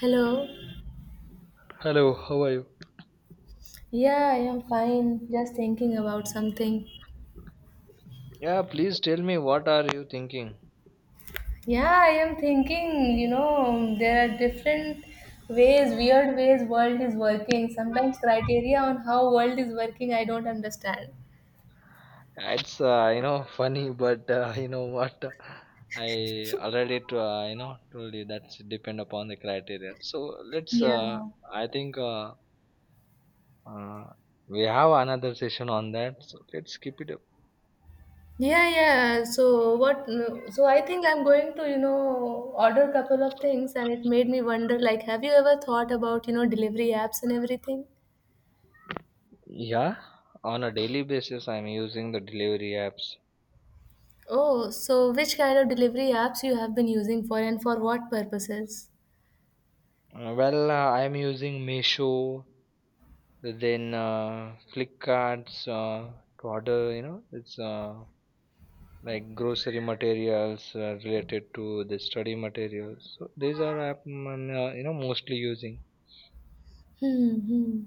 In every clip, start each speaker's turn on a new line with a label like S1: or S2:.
S1: Hello.
S2: Hello, how are you?
S1: Yeah, I am fine. Just thinking about something.
S2: Yeah, please tell me, what are you thinking?
S1: Yeah, I am thinking, you know, there are different ways, weird ways world is working. Sometimes criteria on how world is working, I don't understand.
S2: It's funny, but you know what? I already to, told you that's depend upon the criteria. So let's.
S1: Yeah.
S2: I think uh, we have another session on that. So let's keep it up.
S1: Yeah, yeah. So I think I'm going to, you know, order couple of things and it made me wonder like have you ever thought about, you know, delivery apps and everything?
S2: Yeah, on a daily basis, I'm using the delivery apps.
S1: Oh, so which kind of delivery apps you have been using for and for what purposes?
S2: I'm using Meesho, then Flipkart's to order. You know, it's like grocery materials related to the study materials. So these are I'm mostly using.
S1: Hmm. Hmm.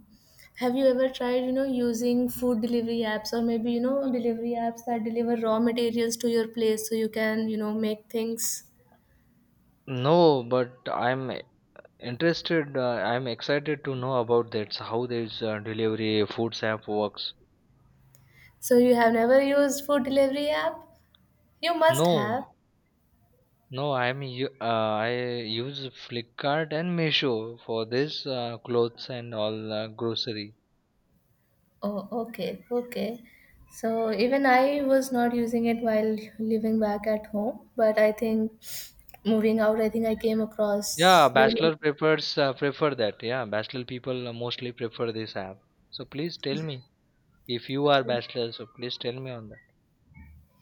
S1: Have you ever tried, you know, using food delivery apps or maybe, you know, delivery apps that deliver raw materials to your place so you can, you know, make things?
S2: No, but I'm interested. I'm excited to know about that. How this delivery foods app works.
S1: So you have never used food delivery app? You must have.
S2: No, no, I use Flipkart and Meesho for this clothes and all grocery.
S1: Oh, okay, okay. So even I was not using it while living back at home, but I think moving out, I think I came across
S2: Yeah,
S1: the
S2: bachelor prefers prefer that. Yeah, bachelor people mostly prefer this app. So please tell me. If you are bachelor, so please tell me on that.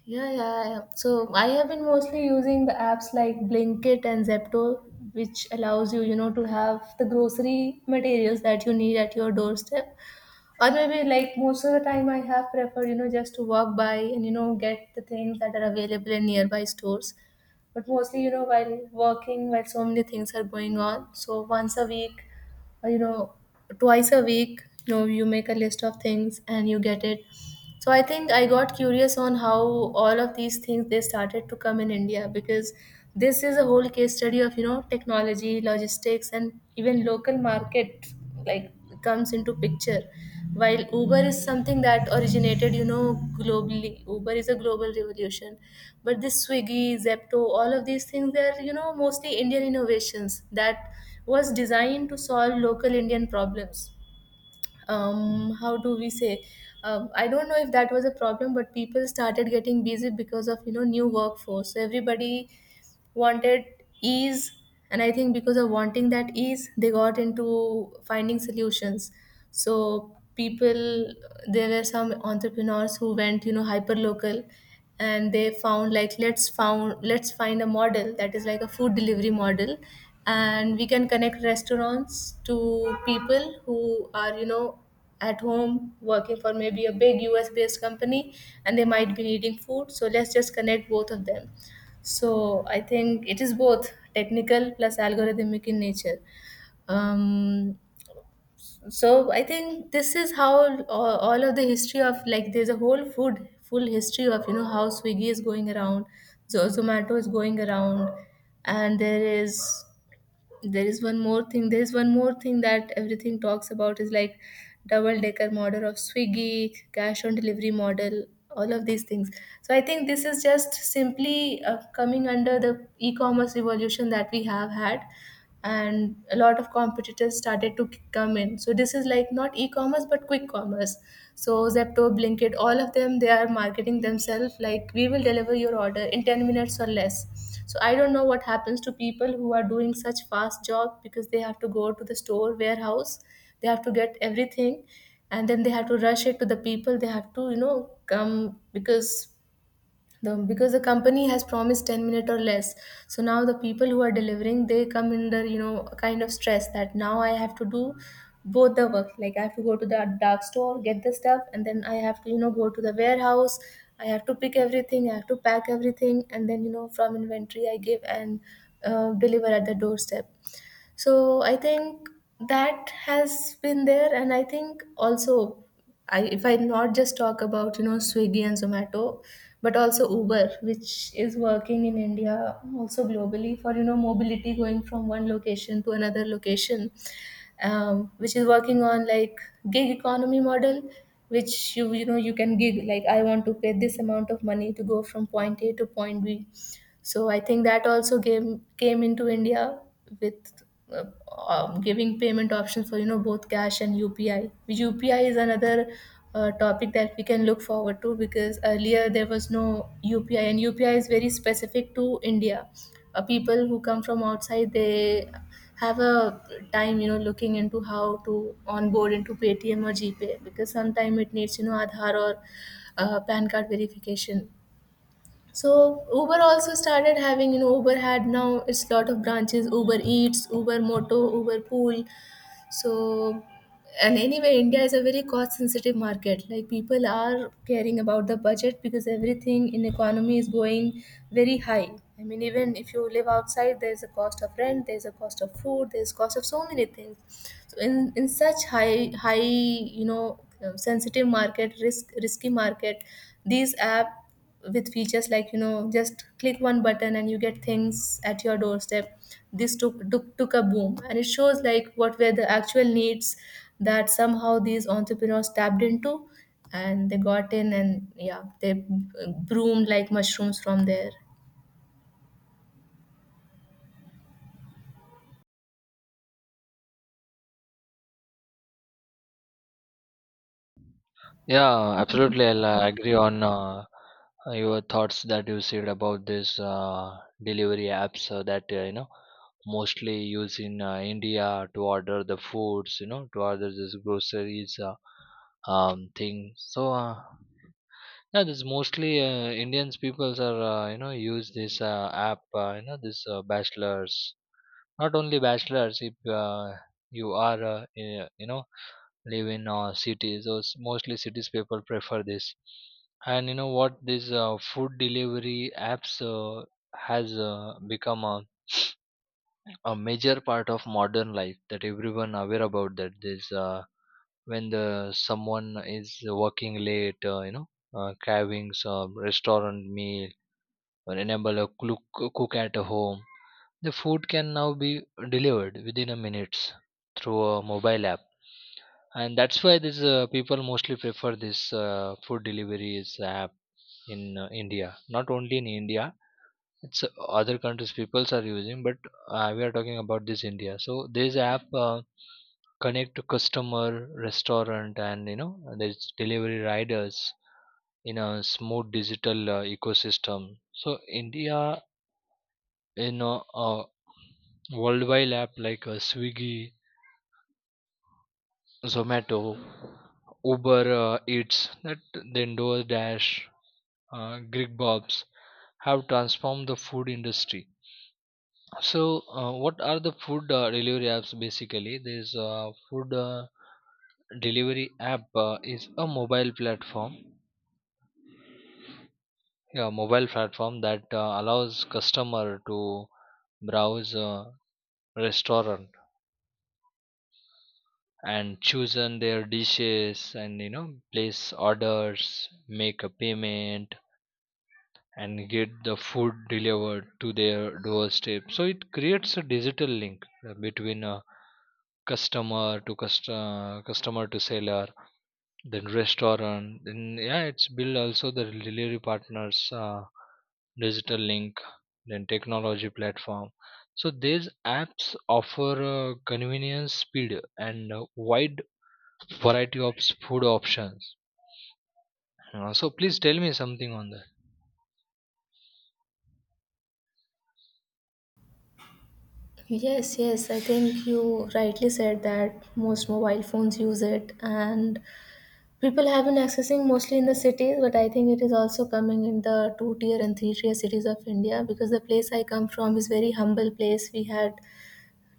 S1: Yeah, yeah, yeah. So I have been mostly using the apps like Blinkit and Zepto, which allows you, you know, to have the grocery materials that you need at your doorstep. Or maybe like most of the time, I have preferred, you know, just to walk by and you know get the things that are available in nearby stores. But mostly, you know, while working, while so many things are going on, so once a week, or you know, twice a week, you know, you make a list of things and you get it. So I think I got curious on how all of these things they started to come in India, because this is a whole case study of, you know, technology, logistics and even local market, like, comes into picture. While Uber is something that originated, you know, globally, Uber is a global revolution, but this Swiggy, Zepto, all of these things, they're, you know, mostly Indian innovations that was designed to solve local Indian problems. How do we say? I don't know if that was a problem, but people started getting busy because of, you know, new workforce, so everybody wanted ease. And I think because of wanting that ease, they got into finding solutions. So people, there were some entrepreneurs who went, you know, hyper local, and they found like, let's find a model that is like a food delivery model, and we can connect restaurants to people who are, you know, at home working for maybe a big US based company, and they might be needing food, so let's just connect both of them. So I think it is both technical plus algorithmic in nature. Um, so I think this is how all of the history of like there's a whole food full history of, you know, how Swiggy is going around, Zomato is going around, and there is one more thing there is one more thing that everything talks about is like double decker model of Swiggy, cash on delivery model, all of these things. So I think this is just simply coming under the e-commerce revolution that we have had, and a lot of competitors started to come in, so this is like not e-commerce but quick commerce. So Zepto, Blinkit, all of them, they are marketing themselves like we will deliver your order in 10 minutes or less. So I don't know what happens to people who are doing such fast job, because they have to go to the store warehouse, they have to get everything, and then they have to rush it to the people, they have to, you know, come, because the company has promised 10 minute or less. So now the people who are delivering, they come under, you know, a kind of stress, that now I have to do both the work, like I have to go to the dark store, get the stuff, and then I have to, you know, go to the warehouse, I have to pick everything, I have to pack everything, and then, you know, from inventory I give and deliver at the doorstep. So I think that has been there, and I think also if I not just talk about, you know, Swiggy and Zomato, but also Uber, which is working in India, also globally, for, you know, mobility, going from one location to another location, which is working on like gig economy model, which you know, you can gig, like I want to pay this amount of money to go from point A to point B. So I think that also came into India with uh, giving payment options for, you know, both cash and UPI. UPI is another topic that we can look forward to, because earlier there was no UPI, and UPI is very specific to India. People who come from outside, they have a time, you know, looking into how to onboard into Paytm or GPay, because sometimes it needs, you know, Aadhaar or PAN card verification. So Uber also started having, you know, Uber had now it's lot of branches, Uber Eats, Uber Moto, Uber Pool. So, and anyway, India is a very cost sensitive market. Like people are caring about the budget, because everything in economy is going very high. I mean, even if you live outside, there's a cost of rent, there's a cost of food, there's cost of so many things. So in such high, you know, sensitive market, risky market, these app with features like, you know, just click one button and you get things at your doorstep. This took a boom, and it shows like what were the actual needs that somehow these entrepreneurs tapped into, and they got in, and yeah, they broomed like mushrooms from there.
S2: Yeah, absolutely. I'll agree on your thoughts that you said about this delivery apps that you know mostly used in India to order the foods, you know, to order this groceries thing. So yeah, this mostly Indians peoples are use this app, this bachelors. Not only bachelors, if you are live in cities or mostly cities people prefer this. And you know what, this food delivery apps has become a major part of modern life that everyone aware about that this when the someone is working late cravings restaurant meal or enable a cook at home, the food can now be delivered within a minutes through a mobile app, and that's why these people mostly prefer this food deliveries app in India. Not only in India, it's other countries peoples are using, but we are talking about this India. So this app connect to customer, restaurant, and you know there's delivery riders in a smooth digital ecosystem. So India, you know, uh, worldwide app like Swiggy, Zomato, Uber Eats, that then DoorDash, Grigbobs have transformed the food industry. So, what are the food delivery apps basically? There's food delivery app is a mobile platform, yeah mobile platform that allows customer to browse a restaurant and chosen their dishes, and you know place orders, make a payment, and get the food delivered to their doorstep. So it creates a digital link between a customer to customer, customer to seller, then restaurant. Then yeah, it's build also the delivery partners, digital link, then technology platform. So these apps offer convenience, speed, and wide variety of food options. So please tell me something on that.
S1: Yes, yes, I think you rightly said that most mobile phones use it, and people have been accessing mostly in the cities, but I think it is also coming in the two tier and three tier cities of India, because the place I come from is very humble place. We had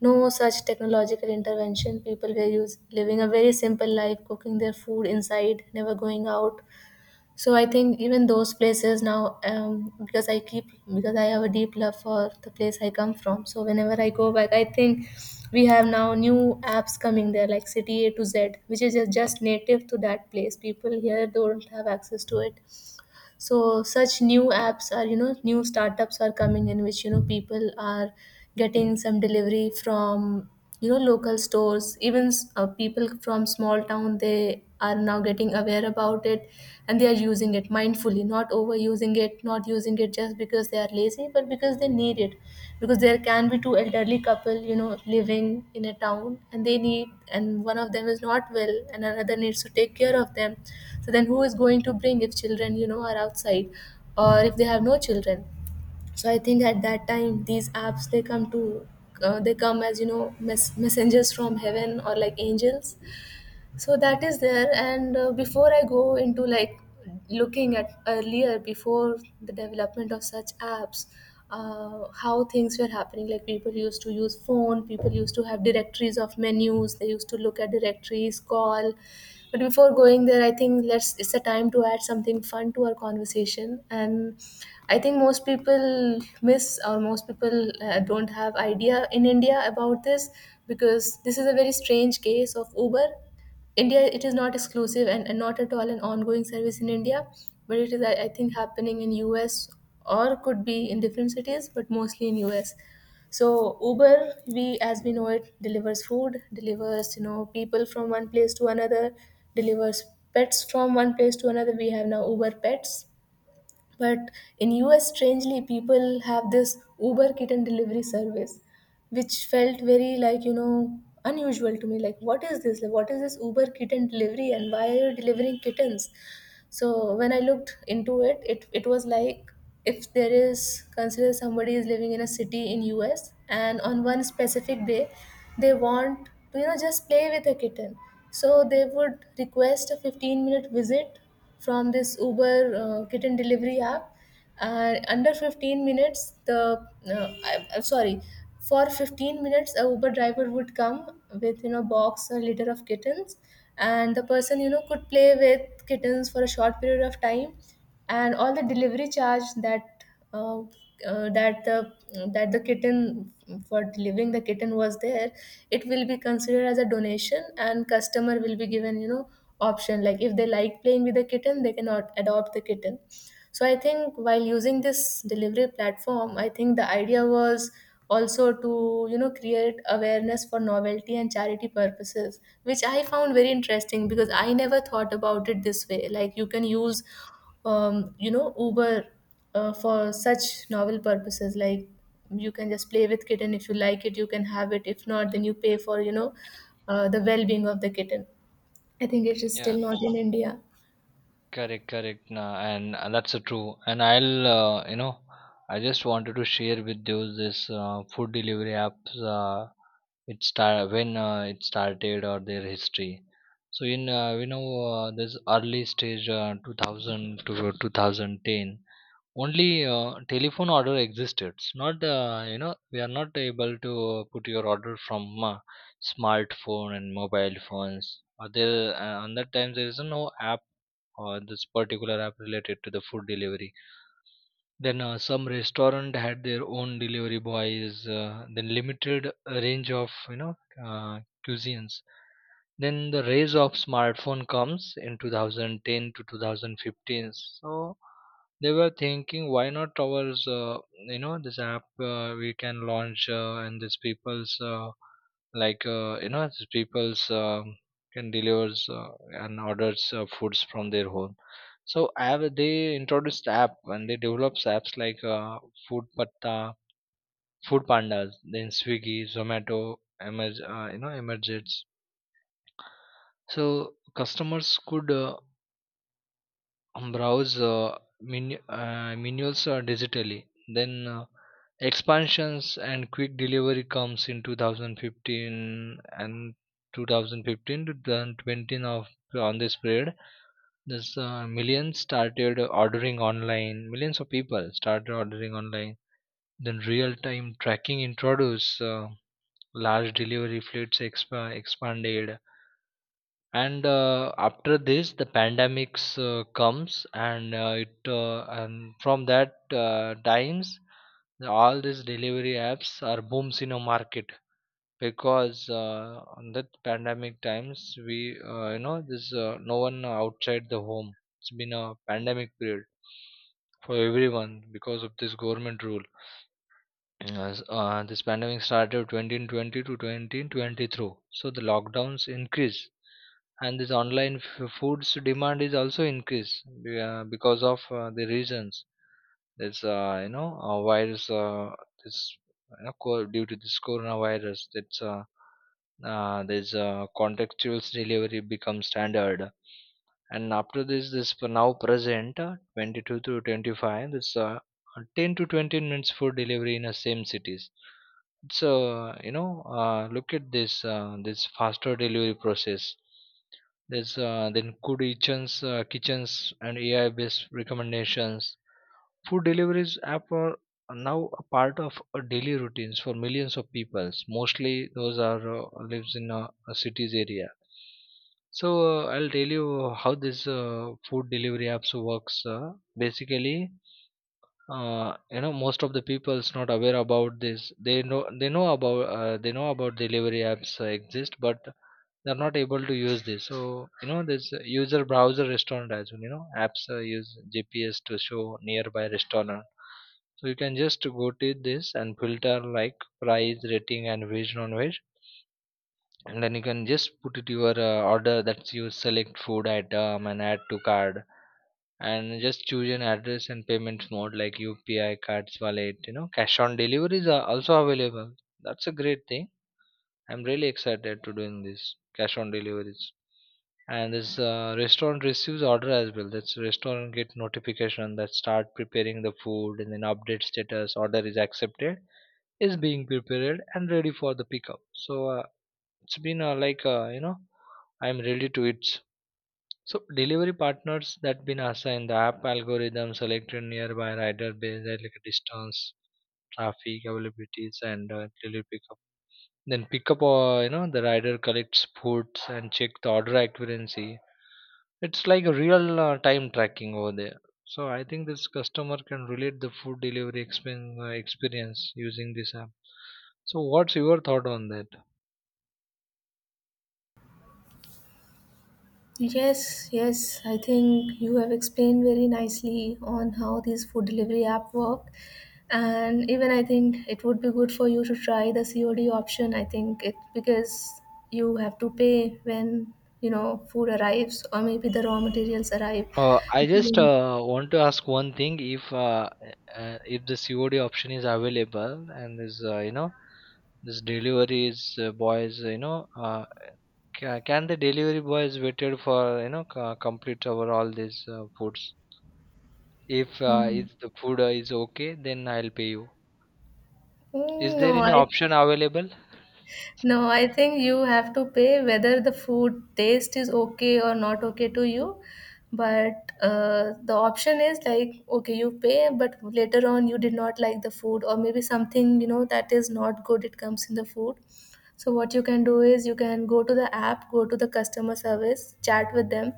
S1: no such technological intervention. People were living a very simple life, cooking their food inside, never going out. So I think even those places now, because I keep, because I have a deep love for the place I come from, so whenever I go back, I think we have now new apps coming there like City A to Z, which is just native to that place. People here don't have access to it. So such new apps are, you know, new startups are coming in, which, you know, people are getting some delivery from, you know, local stores even. People from small town, they are now getting aware about it, and they are using it mindfully, not overusing it, not using it just because they are lazy, but because they need it. Because there can be two elderly couple, you know, living in a town, and they need, and one of them is not well, and another needs to take care of them. So then, who is going to bring if children, you know, are outside, or if they have no children? So I think at that time, these apps they come to, they come as, you know, messengers from heaven or like angels. So that is there, and before I go into like looking at earlier before the development of such apps, how things were happening, like people used to use phone, people used to have directories of menus, they used to look at directories, call. But before going there, I think let's it's a time to add something fun to our conversation. And I think most people miss, or most people don't have idea in India about this, because this is a very strange case of Uber India. It is not exclusive and, not at all an ongoing service in India, but it is, I think, happening in US, or could be in different cities, but mostly in US. So Uber, we as we know it, delivers food, delivers, you know, people from one place to another, delivers pets from one place to another. We have now Uber Pets, but in US, strangely, people have this Uber kitten delivery service, which felt very like, you know, unusual to me. Like, what is this? Like, what is this Uber kitten delivery, and why are you delivering kittens? So when I looked into it, it was like, if there is, consider somebody is living in a city in US, and on one specific day they want to just play with a kitten, so they would request a 15-minute visit from this Uber kitten delivery app. Under 15 minutes, the I, I'm sorry for 15 minutes a Uber driver would come with box or litter of kittens, and the person could play with kittens for a short period of time. And all the delivery charge that uh, uh, that the that the kitten for delivering the kitten was there, it will be considered as a donation, and customer will be given, option, like if they like playing with the kitten, they cannot adopt the kitten. So I think while using this delivery platform, I think the idea was also to create awareness for novelty and charity purposes, which I found very interesting, because I never thought about it this way, like you can use Uber for such novel purposes. Like, you can just play with kitten, if you like it you can have it, if not then you pay for the well-being of the kitten. I think it is
S2: Yeah,
S1: still not in India.
S2: correct, correct. Nah, and that's true. And I just wanted to share with you this food delivery apps. It started or their history. So in we know this early stage 2000 to 2010, only telephone order existed. It's not, you know, we are not able to put your order from smartphone and mobile phones. Or there, on that time, there is no app or this particular app related to the food delivery. Then some restaurant had their own delivery boys. Then limited range of uh, cuisines. Then the rise of smartphone comes in 2010 to 2015. So they were thinking, why not ours? This app we can launch, and these people's these people's can delivers and orders foods from their home. So have they introduced app, and they develops apps like Food Patta, Food Pandas, then Swiggy, Zomato, Emerge, emerges. So customers could browse menus digitally. Then expansions and quick delivery comes in 2015, and 2015 to 2020 of on this period, there's Millions of people started ordering online. Then real-time tracking introduced. Large delivery fleets expanded. And after this, the pandemics comes, and it and from that times, all these delivery apps are booms in a market, because on that pandemic times, we this no one outside the home. It's been a pandemic period for everyone because of this government rule. Yes, this pandemic started 2020 to 2023. So the lockdowns increase, and this online foods demand is also increased because of the reasons. Virus, this, you know, co- due to this coronavirus, this contextual delivery becomes standard. And after this, now present 22 to 25, this 10 to 20 minutes for delivery in the same cities. So you know, look at this, this faster delivery process. There's then good kitchens, kitchens, and AI based recommendations. Food deliveries app are now a part of daily routines for millions of people, mostly those are lives in a cities area. So I'll tell you how this food delivery apps works, basically. Most of the people is not aware about this. They know about they know about delivery apps exist, but they're not able to use this. So you know, this user browser restaurant as well, you know, apps use GPS to show nearby restaurant. So you can just go to this and filter like price, rating, and veg non-veg. And then you can just put it your order, that you select food item and add to card, and just choose an address and payment mode like UPI, cards, wallet, you know, cash on deliveries are also available. That's a great thing. I'm really excited to doing this cash on deliveries. And this restaurant receives order as well. That's restaurant get notification that start preparing the food, and then update status: order is accepted, is being prepared, and ready for the pickup. So it's been like you know I'm ready to it. So delivery partners that been assigned, the app algorithm selected nearby rider based on like distance, traffic, availabilities, and delivery pickup. Then pickup, the rider collects foods and check the order accuracy. It's like a real time tracking over there. So I think this customer can relate the food delivery experience using this app. So what's your thought on that?
S1: Yes, yes, I think you have explained very nicely on how these food delivery app work. And even I think it would be good for you to try the COD option. I think it, because you have to pay when food arrives, or maybe the raw materials arrive.
S2: I
S1: If
S2: just
S1: you
S2: want to ask one thing: if the COD option is available, and is this deliveries boys, can the delivery boys waited for complete over all these foods?
S1: Mm.
S2: If the food is okay, then I'll pay you. Is
S1: Mm,
S2: there
S1: no,
S2: any
S1: I
S2: option available?
S1: no, I think you have to pay whether the food taste is okay or not okay to you. But the option is like, okay, you pay, but later on you did not like the food, or maybe something, you know, that is not good, it comes in the food. So what you can do is, you can go to the app, go to the customer service, chat with them,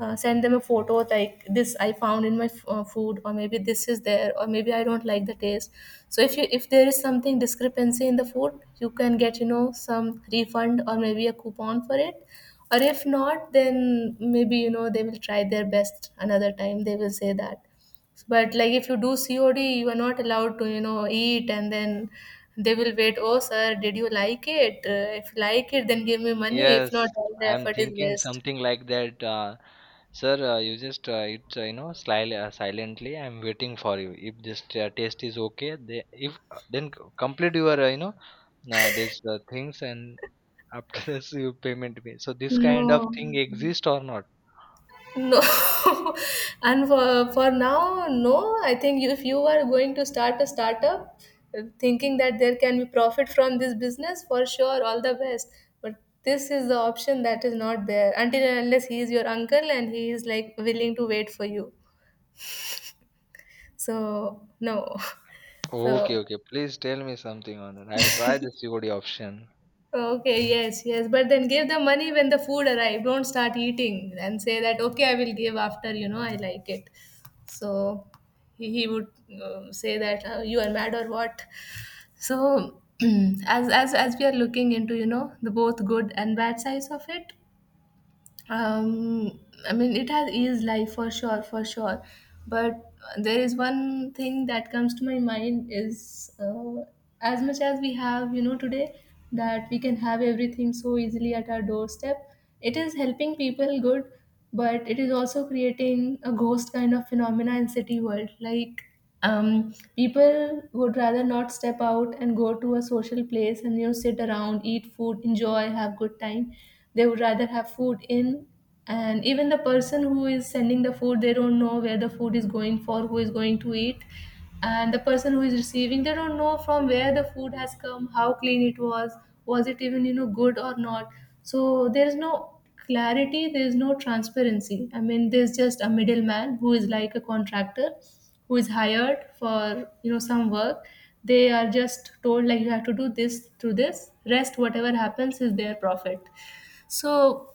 S1: send them a photo like, this I found in my food, or maybe this is there, or maybe I don't like the taste. So if you, if there is something discrepancy in the food, you can get some refund or maybe a coupon for it. Or if not, then maybe they will try their best another time, they will say that. But like if you do COD, you are not allowed to eat and then they will wait, oh sir, did you like it? If you like it then give me money, if not
S2: Yes,
S1: all the
S2: I'm
S1: effort is
S2: thinking
S1: waste.
S2: something like that. Sir, you just it you know slyly, silently, I'm waiting for you. If this taste is okay, they, if then c- complete your these things, and after this you payment me. So this kind of
S1: No,
S2: thing exist or not?
S1: no, and for now, no. I think if you are going to start a startup, thinking that there can be profit from this business, for sure, all the best. But this is the option that is not there, until and unless he is your uncle and he is like willing to wait for you. So, no.
S2: Okay,
S1: So,
S2: okay. Please tell me something on it. I'll try the COD option.
S1: okay, yes, yes. But then give the money when the food arrive. Don't start eating and say that, okay, I will give after, you know, I like it. So he would say that you are mad or what. So as we are looking into, you know, the both good and bad sides of it, um I mean, it has eased life for sure, for sure. But there is one thing that comes to my mind is, as much as we have, today, that we can have everything so easily at our doorstep, it is helping people good, but it is also creating a ghost kind of phenomena in city world. Like, people would rather not step out and go to a social place and sit around, eat food, enjoy, have good time. They would rather have food in. And even the person who is sending the food, they don't know where the food is going, for who is going to eat. And the person who is receiving, they don't know from where the food has come, how clean it was it even good or not. So there is no clarity, there is no transparency, I mean there's just a middleman who is like a contractor who is hired for some work. They are just told like, you have to do this through this, rest whatever happens is their profit. So,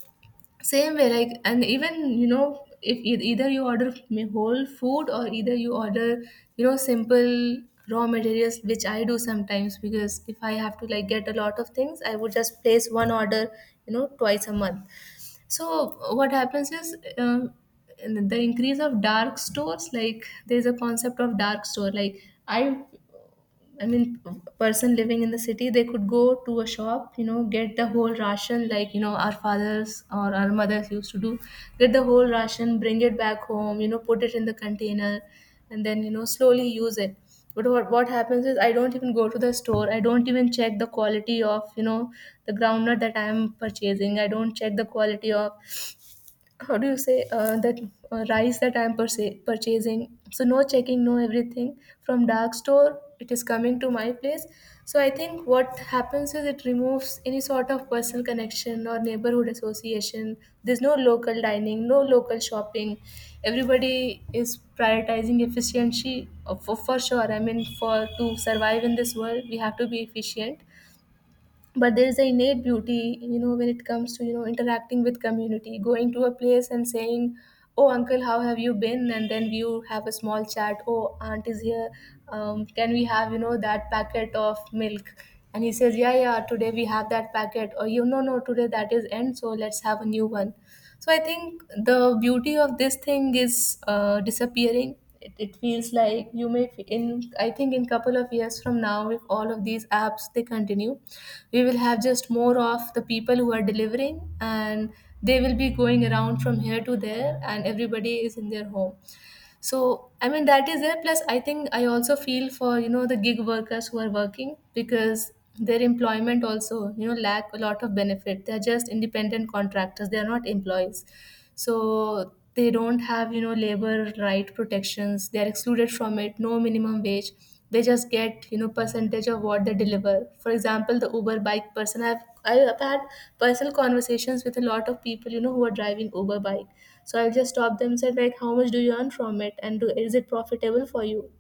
S1: same way, like, and even if either you order whole food, or either you order simple raw materials, which I do sometimes, because if I have to like get a lot of things, I would just place one order, twice a month. So what happens is, in the increase of dark stores. Like, there's a concept of dark store. Like, I, I mean, person living in the city, they could go to a shop, you know, get the whole ration, like you know, our fathers or our mothers used to do, get the whole ration, bring it back home, you know, put it in the container, and then slowly use it. But what happens is, I don't even go to the store. I don't even check the quality of the groundnut that I am purchasing. I don't check the quality of, how do you say, that rice that purchasing. So no checking, no, everything from dark store it is coming to my place. So I think what happens is, it removes any sort of personal connection or neighborhood association. There's no local dining, no local shopping, everybody is prioritizing efficiency, for sure. I mean for, to survive in this world, we have to be efficient. But there is an innate beauty, you know, when it comes to interacting with community, going to a place and saying, oh uncle, how have you been? And then you have a small chat, oh aunt is here, can we have that packet of milk? And he says yeah, yeah, today we have that packet, or you know, no, no, today that is end, so let's have a new one. So I think the beauty of this thing is disappearing. It feels like you may in, I think in couple of years from now, if all of these apps they continue, we will have just more of the people who are delivering, and they will be going around from here to there, and everybody is in their home. So I mean that is there. Plus, I think I also feel for the gig workers who are working, because their employment also, you know, lack a lot of benefit. They are just independent contractors, they are not employees. So they don't have, you know, labor right protections, they are excluded from it, no minimum wage. They just get, you know, percentage of what they deliver. For example the Uber bike person, I've had personal conversations with a lot of people, you know, who are driving Uber bike. So I'll just stop them and said like, how much do you earn from it, and is it profitable for you?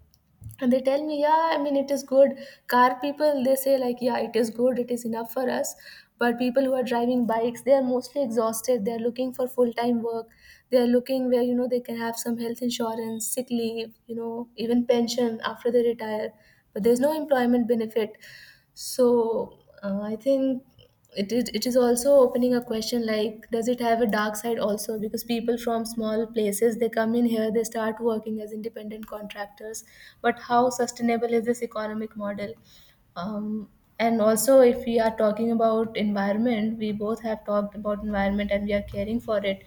S1: And they tell me yeah, I mean it is good. Car people, they say like yeah, it is good, it is enough for us. But people who are driving bikes, they are mostly exhausted, they are looking for full time work. They are looking where, you know, they can have some health insurance, sick leave, you know, even pension after they retire, but there's no employment benefit. So, I think it is, it is also opening a question like, does it have a dark side also, because people from small places, they come in here, they start working as independent contractors, but how sustainable is this economic model? um, and also, if we are talking about environment, we both have talked about environment, and we are caring for it.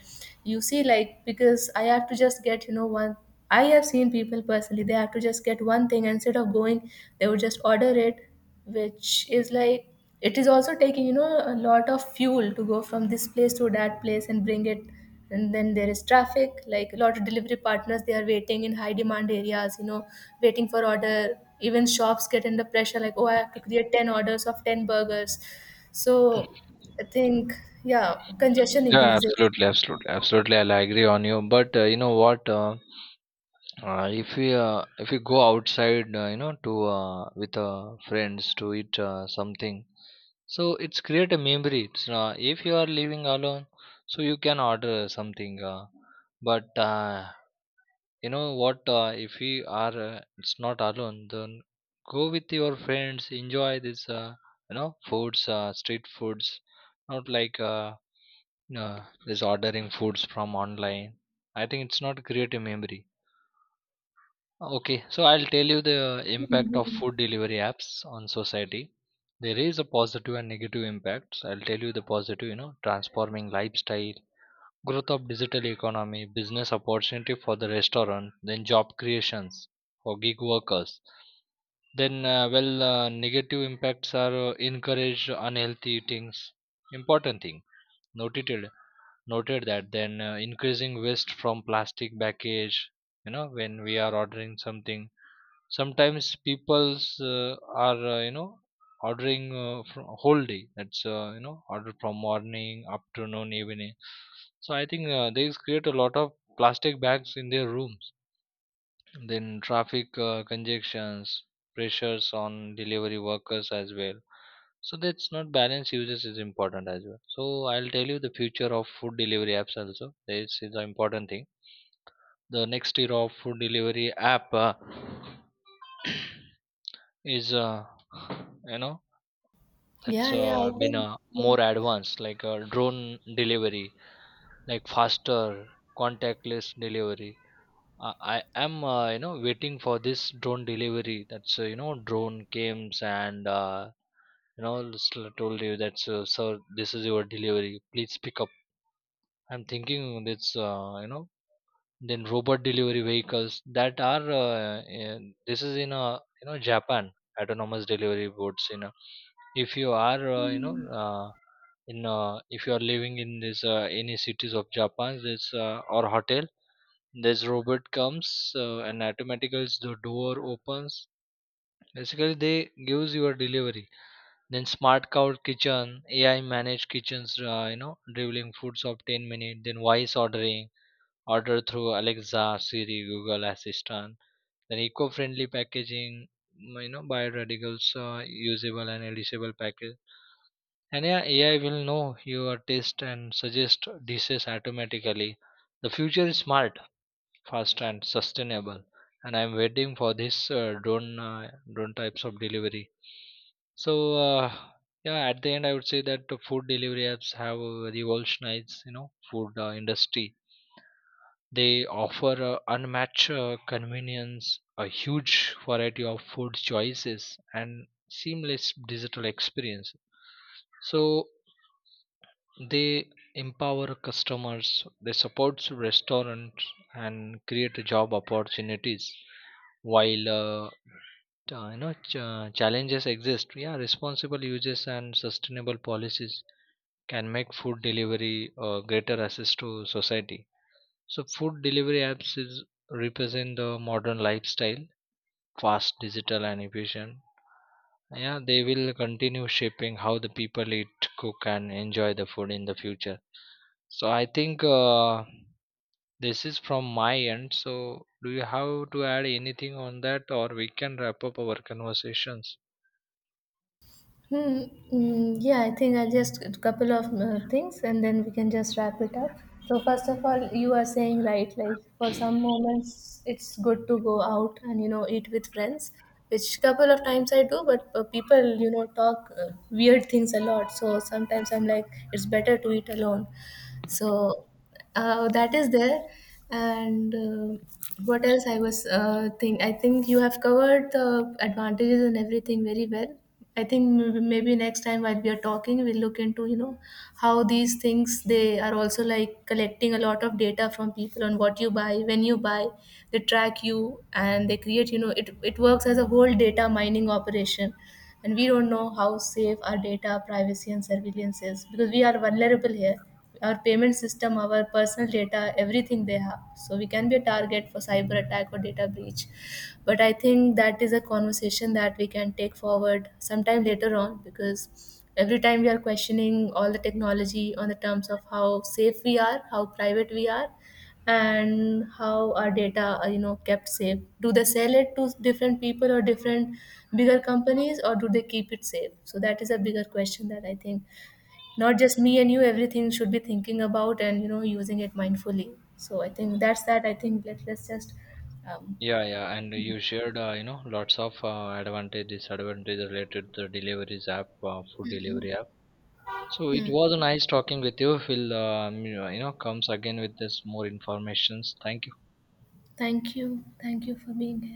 S1: You see, like, because I have to just get, you know, one, I have seen people personally, they have to just get one thing. Instead of going, they would just order it, which is like, it is also taking, you know, a lot of fuel to go from this place to that place and bring it. And then there is traffic, like a lot of delivery partners, they are waiting in high demand areas, you know, waiting for order. Even shops get under pressure, like oh, I have to create 10 orders of 10 burgers. So, I think, yeah, congestion
S2: Yeah,
S1: increases.
S2: absolutely, absolutely, absolutely. I'll agree on you. But you know what? If we go outside, you know, to with friends to eat something, so it's create a memory. If you are living alone, so you can order something. But you know what? If we are, it's not alone. Then go with your friends. Enjoy this, foods, street foods. Not like this ordering foods from online. I think it's not create a memory. Okay, so I'll tell you the impact of
S1: Mhm.
S2: food delivery apps on society. There is a positive and negative impacts. I'll tell you the positive: you know, transforming lifestyle, growth of digital economy, business opportunity for the restaurant, then job creations for gig workers. Then, negative impacts are encourage unhealthy eatings. Important thing noted, that. Then increasing waste from plastic package. You know, when we are ordering something, sometimes people's are ordering from whole day. That's you know order from morning, afternoon, evening. So I think they create a lot of plastic bags in their rooms. Then traffic congestions, pressures on delivery workers as well. So that's not balance users is important as well. So I'll tell you the future of food delivery apps also. This is an important thing. The next year of food delivery app. Is you know that's
S1: Yeah, yeah, I
S2: been
S1: think yeah.
S2: more advanced, like drone delivery, like faster, contactless delivery. I am waiting for this drone delivery. That's you know Drone came and you know s- told you that's sir, this is your delivery, please pick up. I'm thinking that's then robot delivery vehicles that are this is in a, you know, Japan. Autonomous delivery boats, you know, if you are you know in if you are living in this any cities of Japan, this or hotel, this robot comes and automatically the door opens, basically they gives your delivery. Then smart cow kitchen, AI managed kitchens, delivering foods of 10 minute. Then voice ordering, order through Alexa, Siri, Google Assistant. Then eco-friendly packaging, mm, you know, bioradical, usable and editable package. And yeah, AI will know your taste and suggest dishes automatically. The future is smart, fast, and sustainable. And I'm waiting for this drone types of delivery. So yeah, at the end, I would say that the food delivery apps have revolutionized, you know, food industry. They offer unmatched convenience, a huge variety of food choices, and seamless digital experience. So they empower customers, they support restaurants, and create job opportunities. While challenges exist, yeah, responsible uses and sustainable policies can make food delivery a greater assist to society. So food delivery apps is represent the modern lifestyle: fast, digital, and efficient. Yeah, they will continue shaping how the people eat, cook, and enjoy the food in the future. So I think this is from my end. So do you have to add anything on that, or we can wrap up our conversations?
S1: Hmm. Mm, yeah, I think I just a couple of things, and then we can just wrap it up. So first of all, you are saying right, like for some moments it's good to go out and, you know, eat with friends, which couple of times I do, but people, you know, talk weird things a lot. So sometimes I'm like, it's better to eat alone. So that is there. And what else, I think you have covered the advantages and everything very well. I think maybe next time while we are talking, we'll look into, you know, how these things, they are also like collecting a lot of data from people, on what you buy, when you buy. They track you and they create, you know, it works as a whole data mining operation. And we don't know how safe our data privacy and surveillance is, because we are vulnerable here. Our payment system, our personal data, everything they have. So we can be a target for cyber attack or data breach. But I think that is a conversation that we can take forward sometime later on, because every time we are questioning all the technology on the terms of how safe we are, how private we are, and how our data are, you know, kept safe. Do they sell it to different people or different bigger companies, or do they keep it safe? So that is a bigger question that I think not just me and you, everything should be thinking about, and, you know, using it mindfully. So I think that's that. I think let's just um,
S2: Yeah, yeah, and you shared, lots of advantage, disadvantage related to deliveries app, food delivery. So it
S1: hmm.
S2: was nice talking with you. We'll you know, comes again with this more informations. Thank you.
S1: Thank you, thank you for being here.